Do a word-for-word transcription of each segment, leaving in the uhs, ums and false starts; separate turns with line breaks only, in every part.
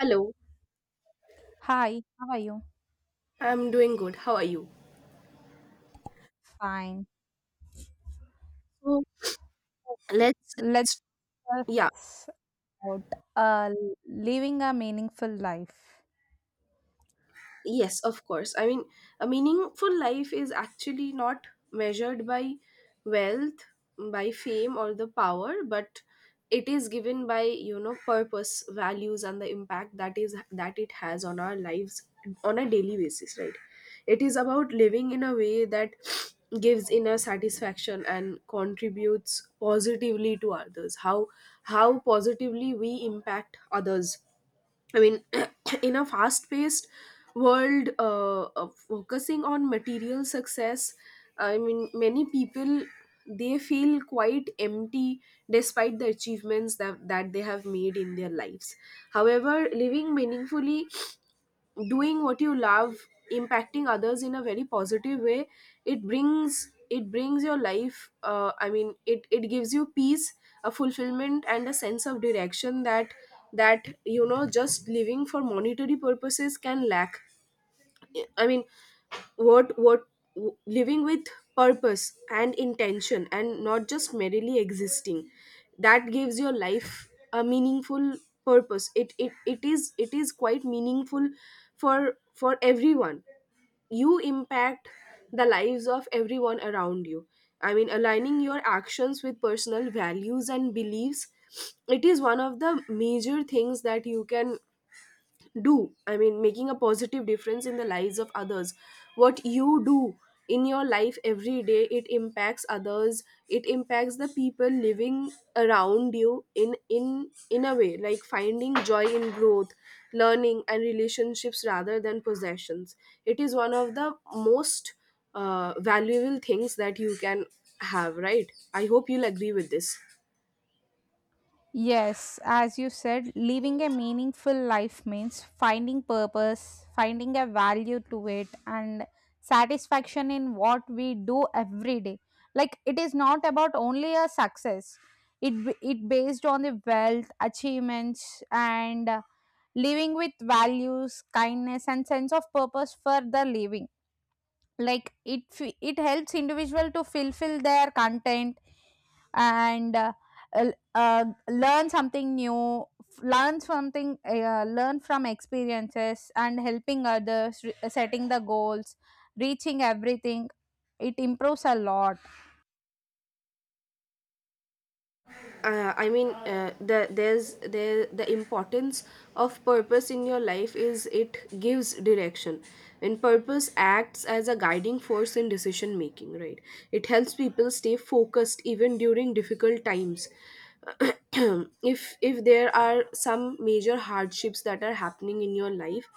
Hello,
Hi, how are you?
I'm doing good. How are you?
Fine.
So let's
Let's
let's yeah,
just out. Uh, Living a meaningful life.
Yes, of course. I mean, a meaningful life is actually not measured by wealth, by fame, or the power, but it is given by you know purpose, values, and the impact that is that it has on our lives on a daily basis. Right? It is about living in a way that gives inner satisfaction and contributes positively to others. How how positively we impact others. I mean, in a fast paced world, uh, of focusing on material success, I mean, many people, they feel quite empty despite the achievements that, that they have made in their lives. However, living meaningfully, doing what you love, impacting others in a very positive way, it brings it brings your life, uh, i mean it it gives you peace, a fulfillment and a sense of direction that that you know just living for monetary purposes can lack. I mean what what Living with purpose and intention and not just merely existing, that gives your life a meaningful purpose. It it, it is it is quite meaningful for for everyone. You impact the lives of everyone around you. I mean aligning your actions with personal values and beliefs, it is one of the major things that you can do. I mean making a positive difference in the lives of others, what you do in your life every day, it impacts others. It impacts the people living around you in in in a way, like finding joy in growth, learning and relationships rather than possessions. It is one of the most uh, valuable things that you can have, right? I hope you'll agree with this.
Yes, as you said, living a meaningful life means finding purpose, finding a value to it, and satisfaction in what we do every day. Like it is not about only a success. It b- it based on the wealth, achievements, and uh, living with values, kindness, and sense of purpose for the living. Like it f- it helps individual to fulfill their content, and uh, l- uh, learn something new. F- learn something uh, learn from experiences and helping others, re- uh, setting the goals, reaching everything. It improves a lot.
Uh, I mean uh, the there's there The importance of purpose in your life is it gives direction, and purpose acts as a guiding force in decision making, right? It helps people stay focused even during difficult times. if if there are some major hardships that are happening in your life,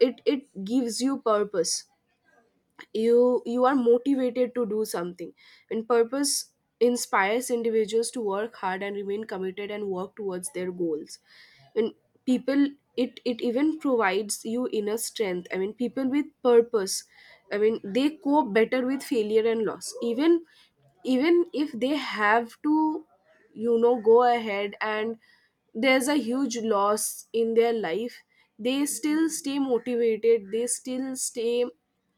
it it gives you purpose. You you are motivated to do something. And purpose inspires individuals to work hard and remain committed and work towards their goals. And people, it it even provides you inner strength. I mean people with purpose, i mean they cope better with failure and loss. Even even if they have to, you know go ahead, and there's a huge loss in their life, they still stay motivated. They still stay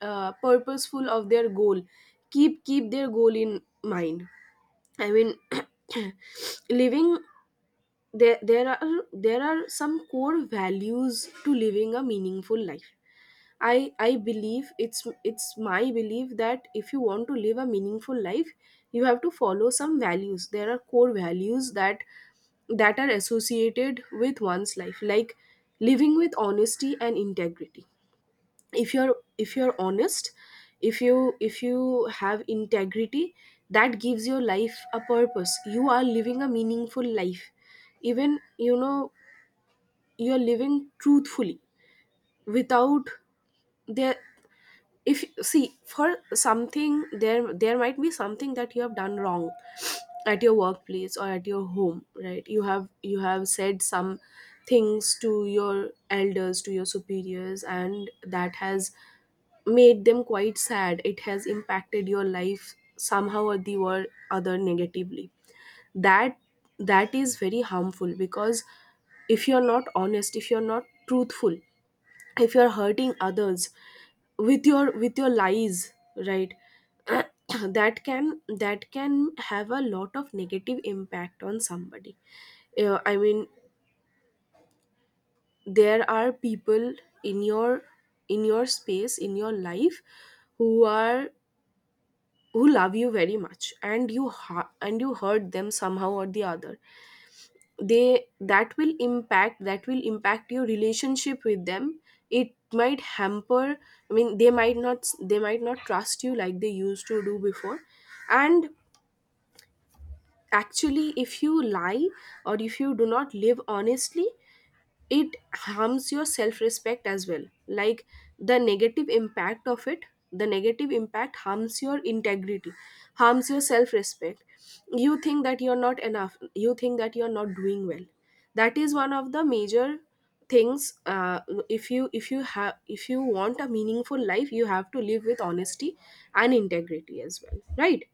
uh, purposeful of their goal, keep keep their goal in mind. i mean Living, there there are there are some core values to living a meaningful life. I I believe it's it's my belief that if you want to live a meaningful life, you have to follow some values. There are core values that that are associated with one's life, like living with honesty and integrity. If you're if you're honest, if you if you have integrity, that gives your life a purpose. You are living a meaningful life. Even, you know you're living truthfully, without, there, if see for something there there might be something that you have done wrong at your workplace or at your home, right? You have, you have said some things to your elders, to your superiors, and that has made them quite sad. It has impacted your life somehow or the or other negatively. That that is very harmful, because if you're not honest, if you're not truthful, if you're hurting others with your with your lies, right? that can that can have a lot of negative impact on somebody. Uh, i mean there are people in your in your space in your life who are, who love you very much, and you ha- and you hurt them somehow or the other. They that will impact That will impact your relationship with them. It might hamper, i mean they might not, they might not trust you like they used to do before. And actually, if you lie or if you do not live honestly, it harms your self respect as well. Like, the negative impact of it, the negative impact harms your integrity, harms your self respect. You think that you're not enough, you think that you're not doing well. That is one of the major things. Uh, if you, if you have if you want a meaningful life, you have to live with honesty and integrity as well, right?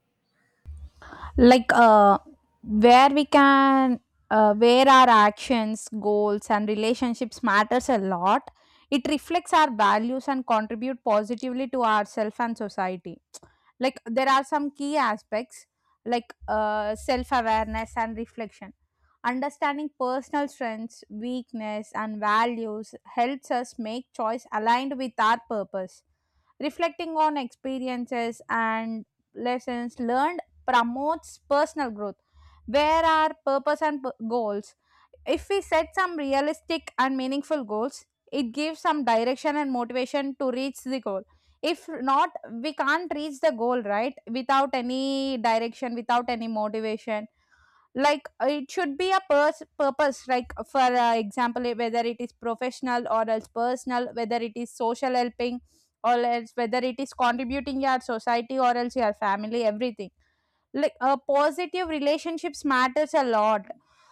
Like uh, where we can uh, where our actions, goals, and relationships matters a lot. It reflects our values and contribute positively to ourselves and society. Like there are some key aspects, like uh, self-awareness and reflection. Understanding personal strengths, weakness, and values helps us make choice aligned with our purpose. Reflecting on experiences and lessons learned promotes personal growth. Where our purpose and p- goals, if we set some realistic and meaningful goals, it gives some direction and motivation to reach the goal. If not, we can't reach the goal, right? Without any direction, without any motivation. Like uh, it should be a pers- purpose, like for uh, example, eh, whether it is professional or else personal, whether it is social helping, or else whether it is contributing your society or else your family, everything. Like uh, positive relationships matters a lot.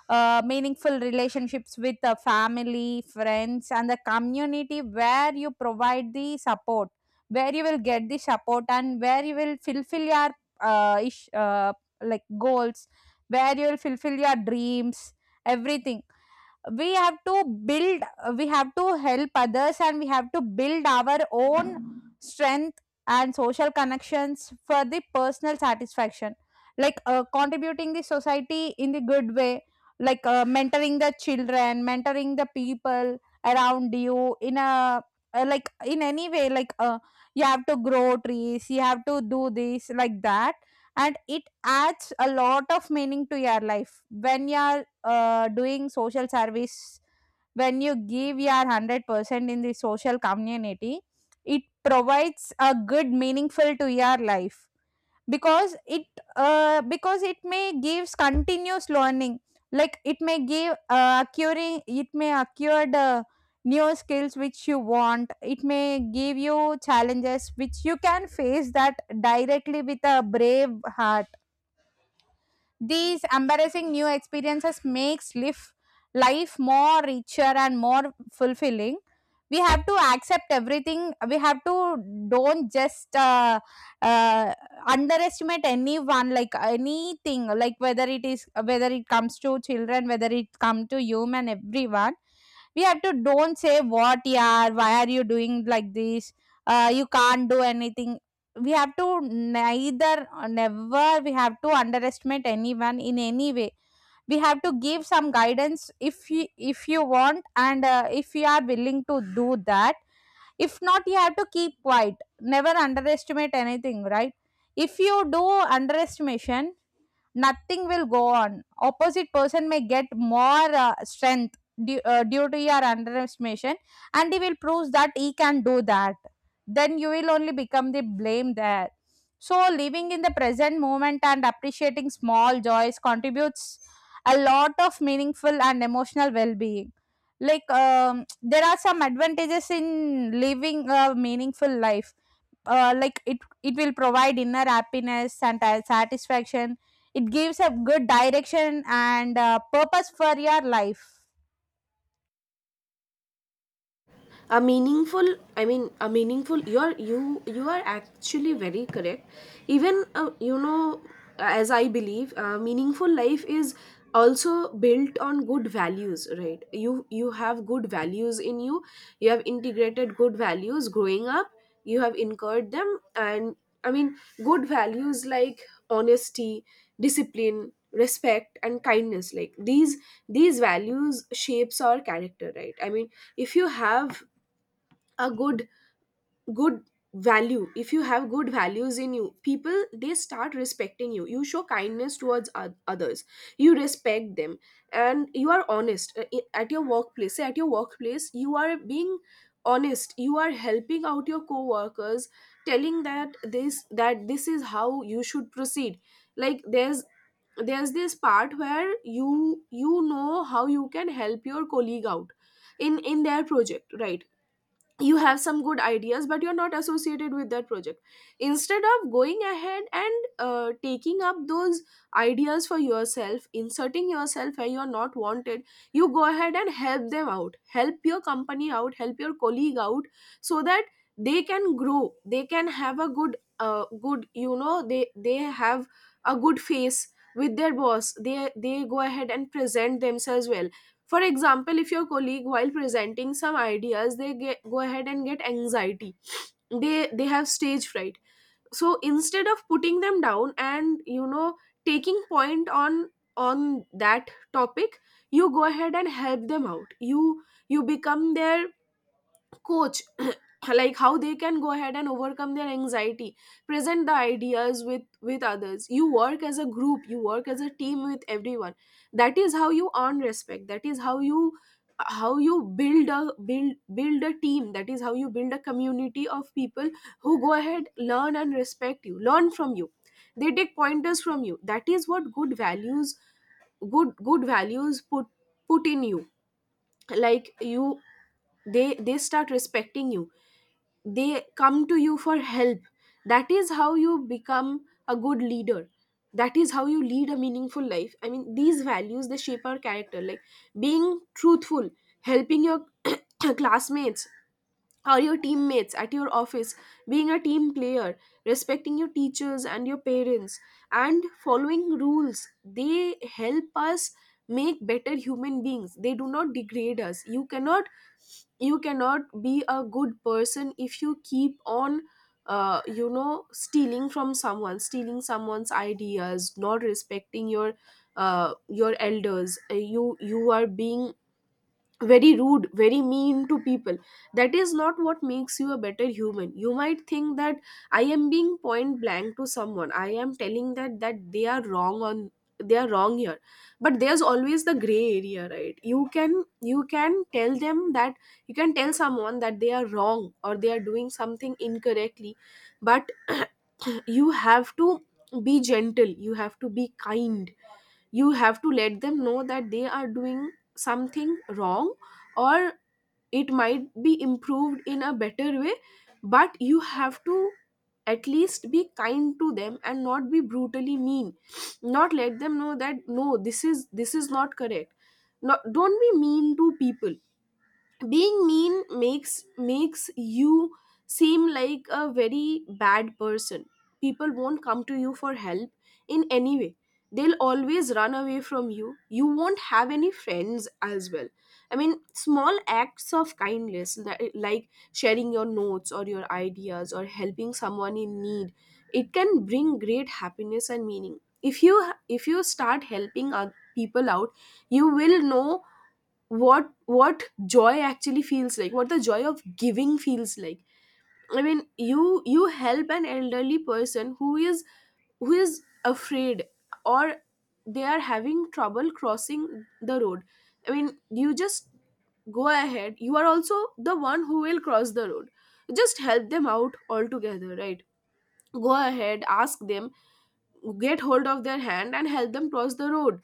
uh, Meaningful relationships with the family, friends, and the community, where you provide the support, where you will get the support, and where you will fulfill your uh, ish, uh, like goals, where you will fulfill your dreams, everything. We have to build, we have to help others, and we have to build our own strength and social connections for the personal satisfaction. Like uh, contributing the society in the good way, like uh, mentoring the children, mentoring the people around you in a, uh, like in any way, like uh, you have to grow trees, you have to do this, like that. And it adds a lot of meaning to your life when you are uh, doing social service. When you give your one hundred percent in the social community, it provides a good meaningful to your life, because it, uh, because it may gives continuous learning. Like it may give uh, acquiring it may acquire the new skills which you want. It may give you challenges which you can face that directly, with a brave heart. These embarrassing new experiences makes life, life more richer and more fulfilling. We have to accept everything. We have to don't just uh, uh, underestimate anyone, like anything, like whether it is, whether it comes to children, whether it come to human, everyone. We have to don't say what, yeah, why are you doing like this. Uh, you can't do anything. We have to neither, uh, never we have to underestimate anyone in any way. We have to give some guidance. If you if you want, and uh, if you are willing to do that. If not, you have to keep quiet. Never underestimate anything, right? If you do underestimation, nothing will go on. Opposite person may get more uh, strength, due, uh, due to your underestimation, and he will prove that he can do that. Then you will only become the blame there. So living in the present moment and appreciating small joys contributes a lot of meaningful and emotional well-being. Like um, there are some advantages in living a meaningful life. Uh, like it it will provide inner happiness and uh, satisfaction. It gives a good direction and uh, purpose for your life.
A meaningful, i mean a meaningful, you are you you are actually very correct. Even, uh, you know as I believe, uh, meaningful life is also built on good values, right? You you have good values in you, you have integrated good values growing up, you have incurred them. And, i mean good values like honesty, discipline, respect and kindness, like these these values shapes our character, right? I mean if you have a good good value, if you have good values in you, people, they start respecting you. You show kindness towards oth- others, you respect them, and you are honest. Uh, i- at your workplace, say at your workplace, you are being honest, you are helping out your co-workers, telling that this that this is how you should proceed. Like, there's there's this part where you you know how you can help your colleague out in in their project, right? You have some good ideas but you're not associated with that project. Instead of going ahead and uh, taking up those ideas for yourself, inserting yourself where you're not wanted, you go ahead and help them out, help your company out, help your colleague out, so that they can grow, they can have a good, uh, good you know they they have a good face with their boss. They they go ahead and present themselves well. For example, if your colleague, while presenting some ideas, they get, go ahead and get anxiety, they they have stage fright. So instead of putting them down and, you know taking point on, on that topic, you go ahead and help them out. You you become their coach, like how they can go ahead and overcome their anxiety, present the ideas with, with others. You work as a group, you work as a team with everyone. That is how you earn respect, that is how, you how you build a, build build a team. That is how you build a community of people who go ahead, learn and respect you, learn from you, they take pointers from you. That is what good values, good good values put, put in you. Like, you, they they start respecting you, they come to you for help. That is how you become a good leader, that is how you lead a meaningful life. I mean these values, they shape our character, like being truthful, helping your classmates or your teammates at your office, being a team player, respecting your teachers and your parents, and following rules. They help us make better human beings. They do not degrade us. You cannot you cannot be a good person if you keep on, uh, you know stealing from someone, stealing someone's ideas, not respecting your, uh, your elders. Uh, you you are being very rude, very mean to people. That is not what makes you a better human. You might think that I am being point blank to someone, I am telling that, that they are wrong on, they are wrong here, but there's always the gray area, right? You can you can tell them that, you can tell someone that they are wrong or they are doing something incorrectly, but you have to be gentle, you have to be kind. You have to let them know that they are doing something wrong, or it might be improved in a better way, but you have to at least be kind to them and not be brutally mean. Not let them know that no, this is, this is not correct. No, don't be mean to people. Being mean makes makes you seem like a very bad person. People won't come to you for help in any way. They'll always run away from you, you won't have any friends as well. I mean small acts of kindness, li- like sharing your notes or your ideas or helping someone in need, it can bring great happiness and meaning. If you, if you start helping other people out, you will know what what joy actually feels like, what the joy of giving feels like. i mean you you help an elderly person who is, who is afraid, or they are having trouble crossing the road. I mean you just go ahead, you are also the one who will cross the road, just help them out altogether, right? Go ahead, ask them, get hold of their hand and help them cross the road.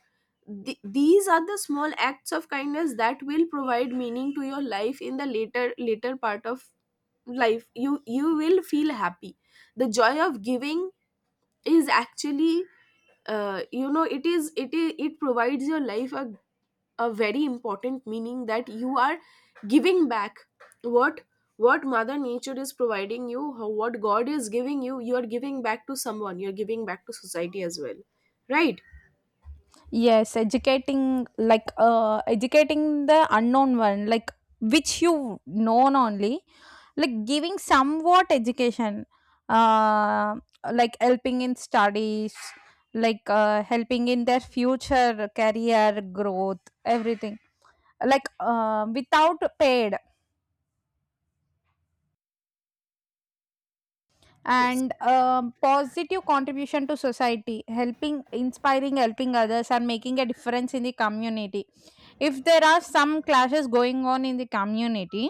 Th- these are the small acts of kindness that will provide meaning to your life in the later later part of life. You you will feel happy. The joy of giving is actually, uh, you know it is it is it provides your life a a very important meaning, that you are giving back what what mother nature is providing you, how- what god is giving you. You are giving back to someone, you're giving back to society as well, right?
Yes, educating, like uh educating the unknown one, like which you known only, like giving somewhat education, uh, like helping in studies, like uh, helping in their future career growth, everything, like uh, without paid.
Yes.
And um, positive contribution to society, helping, inspiring, helping others, and making a difference in the community. If there are some clashes going on in the community,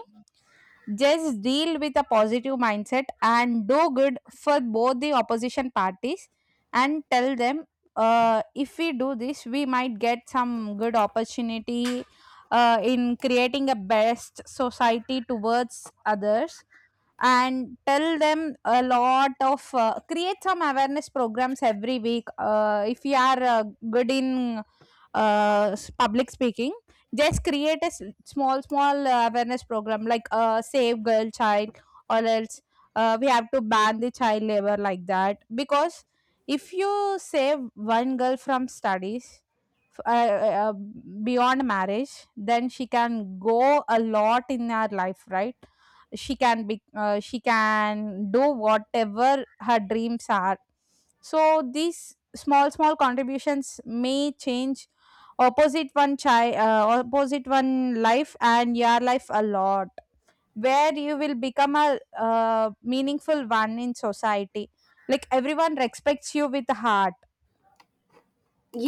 just deal with a positive mindset and do good for both the opposition parties, and tell them, uh, if we do this, we might get some good opportunity uh, in creating a best society towards others. And tell them a lot of, uh, create some awareness programs every week. Uh, if you are uh, good in uh, s- public speaking, just create a s- small, small uh, awareness program, like uh, save girl child, or else uh, we have to ban the child labor, like that. Because if you save one girl from studies, f- uh, uh, uh, beyond marriage, then she can go a lot in her life, right? She can be uh, she can do whatever her dreams are. So these small, small contributions may change opposite one child uh, opposite one life, and your life a lot, where you will become a uh, meaningful one in society, like everyone respects you with heart.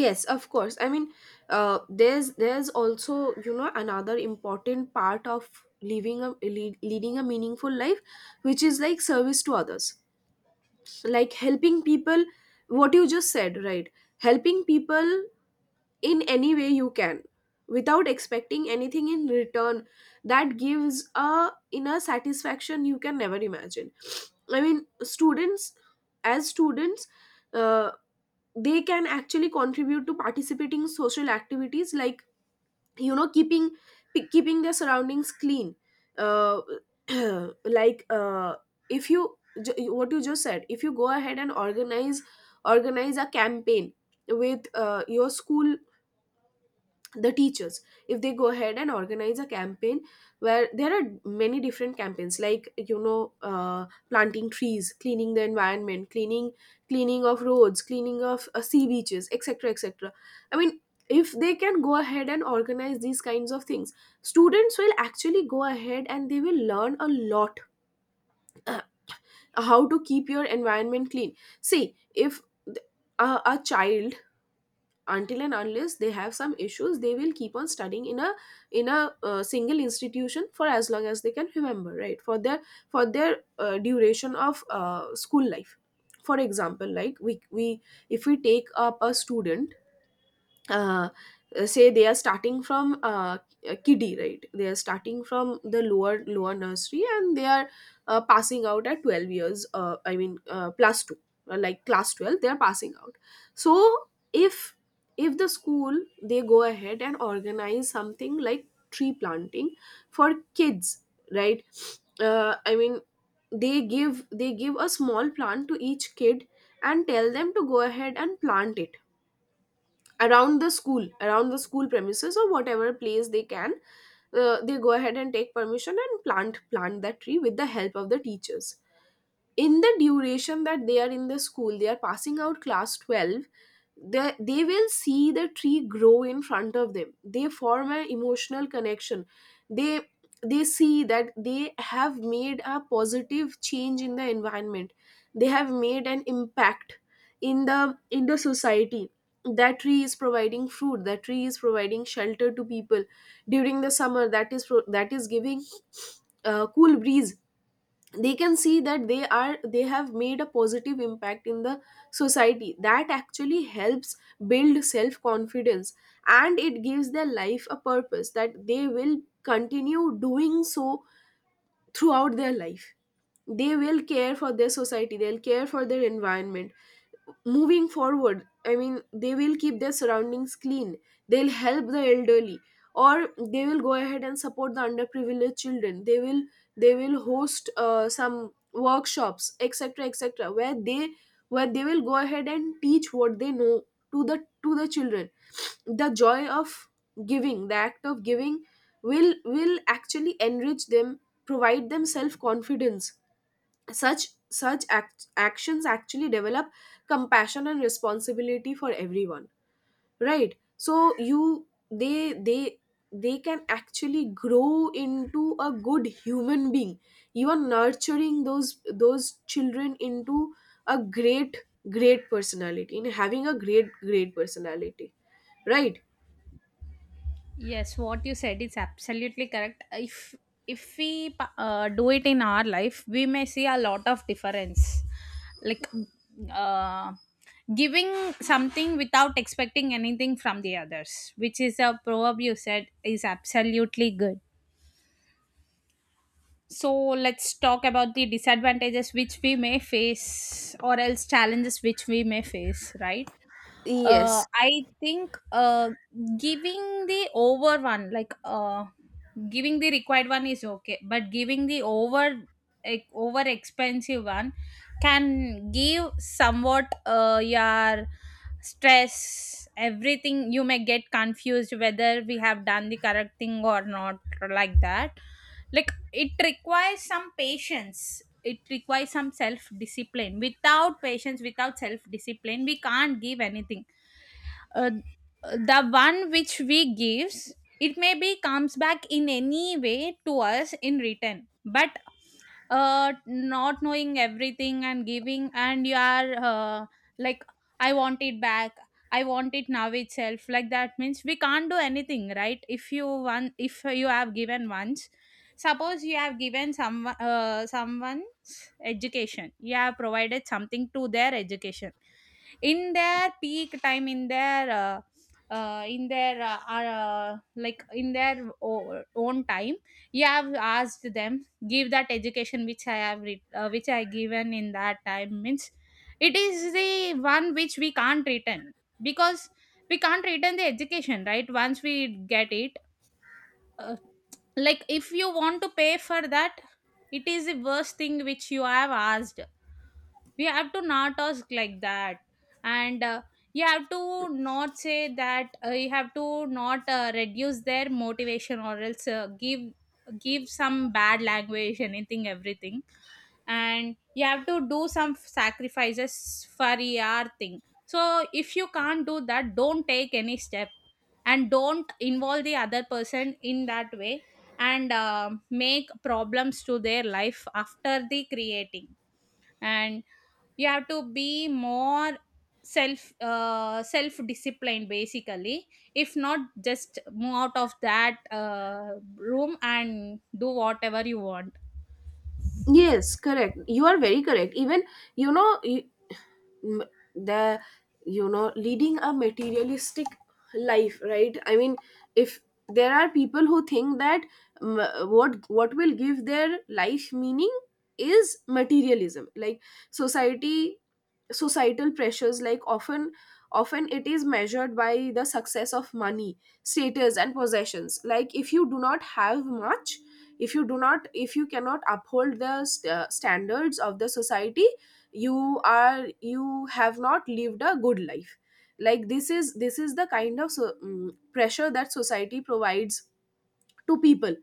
Yes, of course. I mean, uh, there's there's also you know, another important part of living a lead, leading a meaningful life, which is like service to others, like helping people, what you just said, right? Helping people in any way you can, without expecting anything in return, that gives a inner satisfaction you can never imagine. I mean, students as students, uh, they can actually contribute to participating in social activities like, you know, keeping p- keeping their surroundings clean. uh, like uh, if you ju- what you just said, if you go ahead and organize organize a campaign with uh, your school, the teachers, if they go ahead and organize a campaign where there are many different campaigns like, you know, uh, planting trees, cleaning the environment, cleaning cleaning of roads, cleaning of uh, sea beaches, etc, etc. I mean, if they can go ahead and organize these kinds of things, students will actually go ahead and they will learn a lot. How to keep your environment clean. See, if th- a, a child, until and unless they have some issues, they will keep on studying in a in a uh, single institution for as long as they can remember, right? For their for their uh, duration of uh, school life. For example, like we we if we take up a student, uh, say they are starting from, uh, a kiddie, right? They are starting from the lower lower nursery and they are, uh, passing out at twelve years, uh, I mean, uh, plus two, uh, like class twelve, they are passing out. So if if the school, they go ahead and organize something like tree planting for kids, right? uh, I mean, they give, they give a small plant to each kid and tell them to go ahead and plant it around the school, around the school premises, or whatever place they can. Uh, they go ahead and take permission and plant plant that tree with the help of the teachers. In the duration that they are in the school, they are passing out class twelve, they, they will see the tree grow in front of them, they form an emotional connection. They they see that they have made a positive change in the environment. They have made an impact in the in the society. That tree is providing food, that tree is providing shelter to people during the summer. That is pro- that is giving, uh, cool breeze. They can see that they are, they have made a positive impact in the society. That actually helps build self confidence, and it gives their life a purpose, that they will continue doing so throughout their life. They will care for their society, they'll care for their environment moving forward. I mean, they will keep their surroundings clean, they'll help the elderly, or they will go ahead and support the underprivileged children. They will they will host uh, some workshops, etc, etc, where they, where they will go ahead and teach what they know to the to the children. The joy of giving, the act of giving, will will actually enrich them, provide them self confidence. Such such act- actions actually develop compassion and responsibility for everyone. Right? So you they they they can actually grow into a good human being. You are nurturing those those children into a great, great personality in having a great great personality, right?
Yes, what you said is absolutely correct. If if we pa- uh, do it in our life, we may see a lot of difference. Like uh, giving something without expecting anything from the others, which is a proverb you said is absolutely good. So let's talk about the disadvantages which we may face, or else challenges which we may face, right?
yes
uh, I think uh, giving the over one, like uh, giving the required one is okay, but giving the over, like, over expensive one can give somewhat uh, your stress, everything. You may get confused whether we have done the correct thing or not, like that. Like it requires some patience, it requires some self discipline. Without patience, without self discipline, we can't give anything. uh, the one which we gives, it maybe comes back in any way to us in return. But uh, not knowing everything and giving, and you are uh, like, I want it back, I want it now itself, like that means we can't do anything, right? If you want, if you have given once, suppose you have given some, uh, someone's education, you have provided something to their education, in their peak time, in their uh, uh, in their uh, uh, like in their o- own time, you have asked them give that education, which i have re- uh, which i given in that time, means it is the one which we can't return, because we can't return the education, right? Once we get it, uh, like if you want to pay for that, it is the worst thing which you have asked. We have to not ask like that. And uh, you have to not say that, uh, you have to not uh, reduce their motivation, or else uh, give give some bad language, anything, everything. And you have to do some sacrifices for your thing. So if you can't do that, don't take any step, and don't involve the other person in that way, and uh, make problems to their life after the creating. And you have to be more self uh, self disciplined basically. If not, just move out of that uh, room and do whatever you want.
Yes, correct. You are very correct. Even, you know, you, m- the you know, leading a materialistic life, right? I mean, if there are people who think that, mm, what what will give their life meaning is materialism, like society, societal pressures, like often often it is measured by the success of money, status and possessions. Like if you do not have much, if you do not, if you cannot uphold the st- uh, standards of the society, you are, you have not lived a good life. Like this is this is the kind of so, mm, pressure that society provides to people.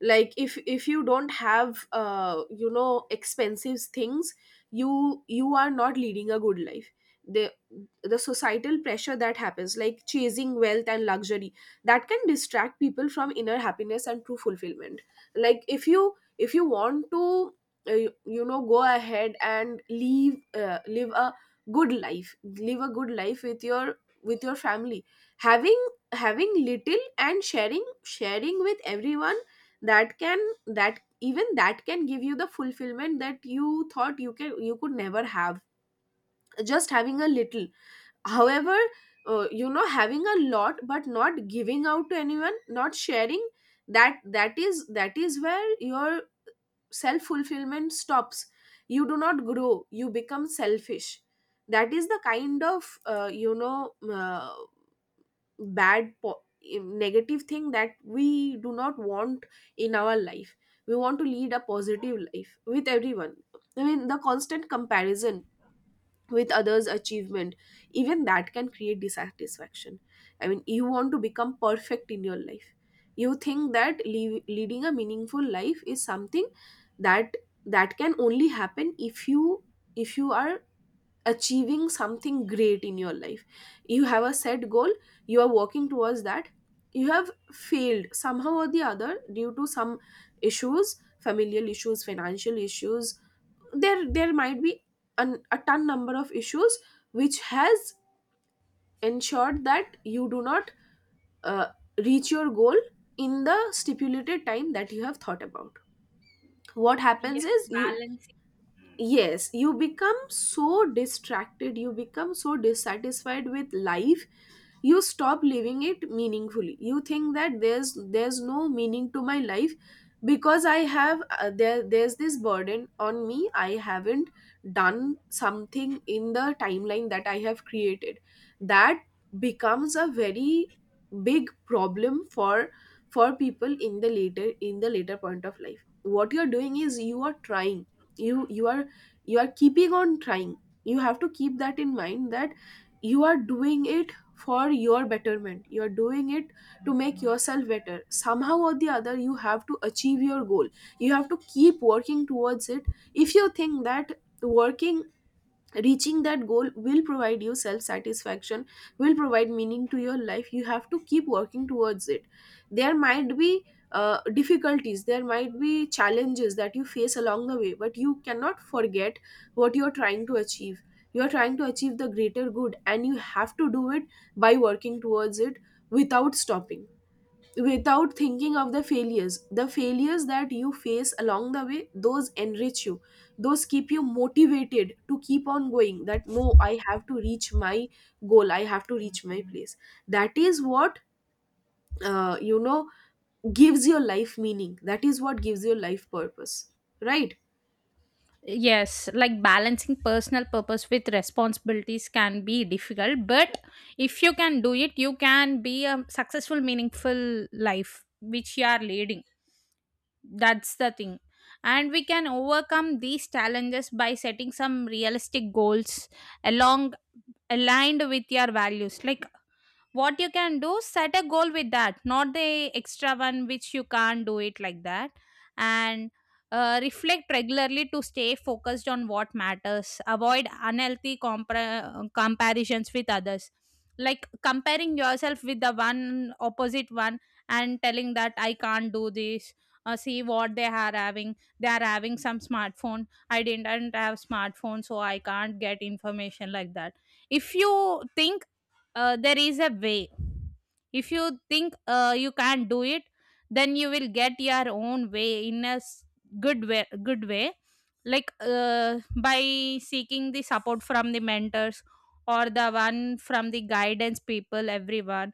Like if if you don't have, uh, you know, expensive things, you you are not leading a good life. The the societal pressure that happens, like chasing wealth and luxury, that can distract people from inner happiness and true fulfillment. Like if you if you want to, uh, you, you know go ahead and live uh, live a good life, live a good life with your with your family, having having little and sharing sharing with everyone, that can, that even that can give you the fulfillment that you thought you can you could never have, just having a little. However, uh, you know having a lot but not giving out to anyone, not sharing, that that is that is where your self fulfillment stops. You do not grow, you become selfish. That is the kind of, uh, you know uh, bad po- eh, negative thing that we do not want in our life. We want to lead a positive life with everyone. I mean, the constant comparison with others achievement, even that can create dissatisfaction. I mean, you want to become perfect in your life. You think that le- leading a meaningful life is something that that can only happen if you if you are achieving something great in your life. You have a set goal, you are working towards that. You have failed somehow or the other due to some issues, familial issues, financial issues. There there might be an, a ton number of issues which has ensured that you do not, uh, reach your goal in the stipulated time that you have thought about. What happens
Yes.
is you,
Balance.
yes, you become so distracted, you become so dissatisfied with life. You stop living it meaningfully. You think that there's there's no meaning to my life, because I have, uh, there there's this burden on me, I haven't done something in the timeline that I have created. That becomes a very big problem for for people in the later, in the later point of life. What you're doing is you are trying, you you are you are keeping on trying. You have to keep that in mind, that you are doing it for your betterment, you are doing it to make yourself better. Somehow or the other, you have to achieve your goal, you have to keep working towards it. If you think that working reaching that goal will provide you self satisfaction, will provide meaning to your life, you have to keep working towards it. There might be, uh, difficulties, there might be challenges that you face along the way, but you cannot forget what you are trying to achieve. You are trying to achieve the greater good, and you have to do it by working towards it, without stopping, without thinking of the failures. The failures that you face along the way, those enrich you, those keep you motivated to keep on going, that no, I have to reach my goal, I have to reach my place. That is what, uh, you know gives your life meaning, that is what gives your life purpose, right?
Yes, like balancing personal purpose with responsibilities can be difficult, but if you can do it, you can be a successful, meaningful life which you are leading. That's the thing. And we can overcome these challenges by setting some realistic goals, along, aligned with your values. Like what you can do, set a goal with that, not the extra one which you can't do it, like that. And uh, reflect regularly to stay focused on what matters, avoid unhealthy compar- uh, comparisons with others, like comparing yourself with the one, opposite one, and telling that I can't do this. Uh, see, what they are having, they are having some smartphone, I didn't have smartphone, so I can't get information, like that. If you think, uh, there is a way. If you think, uh, you can't do it, then you will get your own way in a s- good way, good way, like uh, by seeking the support from the mentors, or the one from the guidance people, everyone,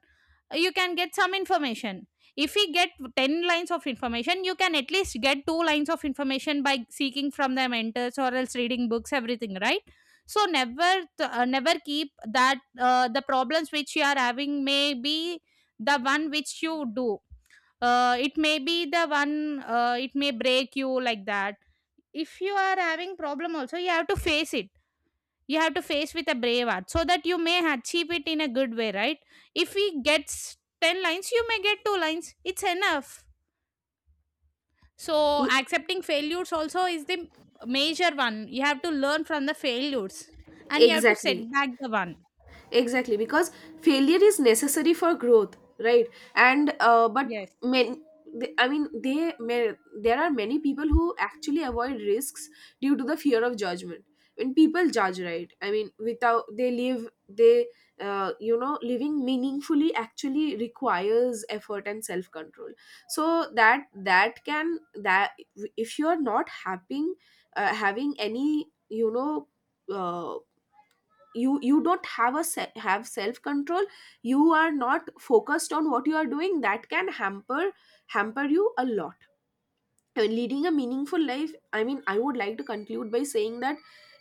you can get some information. If we get ten lines of information, you can at least get two lines of information by seeking from the mentors, or else reading books, everything, right? So never, th- uh, never keep that, uh, the problems which you are having may be the one which you do, uh, it may be the one, uh, it may break you, like that. If you are having problem also, you have to face it. You have to face with a brave heart, so that you may achieve it in a good way, right? If we get ten lines, you may get two lines, it's enough. So
E-
accepting failures also is the major one. You have to learn from the failures, and you have to set
exactly,
back the one.
exactly, because failure is necessary for growth, right? And, uh, but
Yes.
men they- I mean, they may, there are many people who actually avoid risks due to the fear of judgment. When people judge, right? I mean, without they live, they, uh, you know, living meaningfully actually requires effort and self control. So that that can that if you are not having, uh, having any, you know, Uh, you you don't have a se- have self control, you are not focused on what you are doing, that can hamper hamper you a lot. And leading a meaningful life, I mean, I would like to conclude by saying that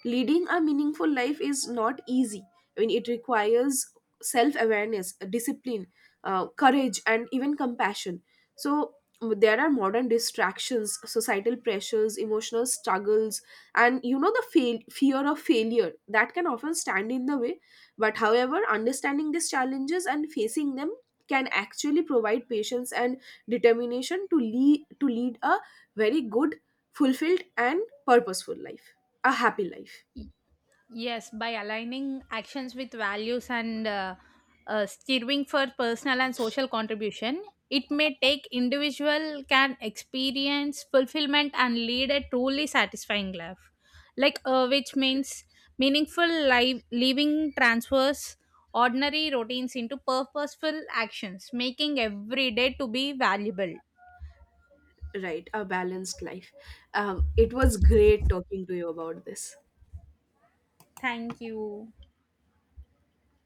leading a meaningful life is not easy. I mean, it requires self awareness, discipline, uh, courage and even compassion. So there are modern distractions, societal pressures, emotional struggles, and, you know, the fail- fear of failure that can often stand in the way. But however, understanding these challenges and facing them can actually provide patience and determination to lead to lead a very good, fulfilled and purposeful life, a happy life.
Yes, by aligning actions with values, and uh, uh, steering for personal and social contribution, it may take, individual can experience fulfillment and lead a truly satisfying life. Like uh, which means, meaningful life, living transfers ordinary routines into purposeful actions, making every day to be valuable.
Right, a balanced life. Um, it was great talking to you about this.
Thank you.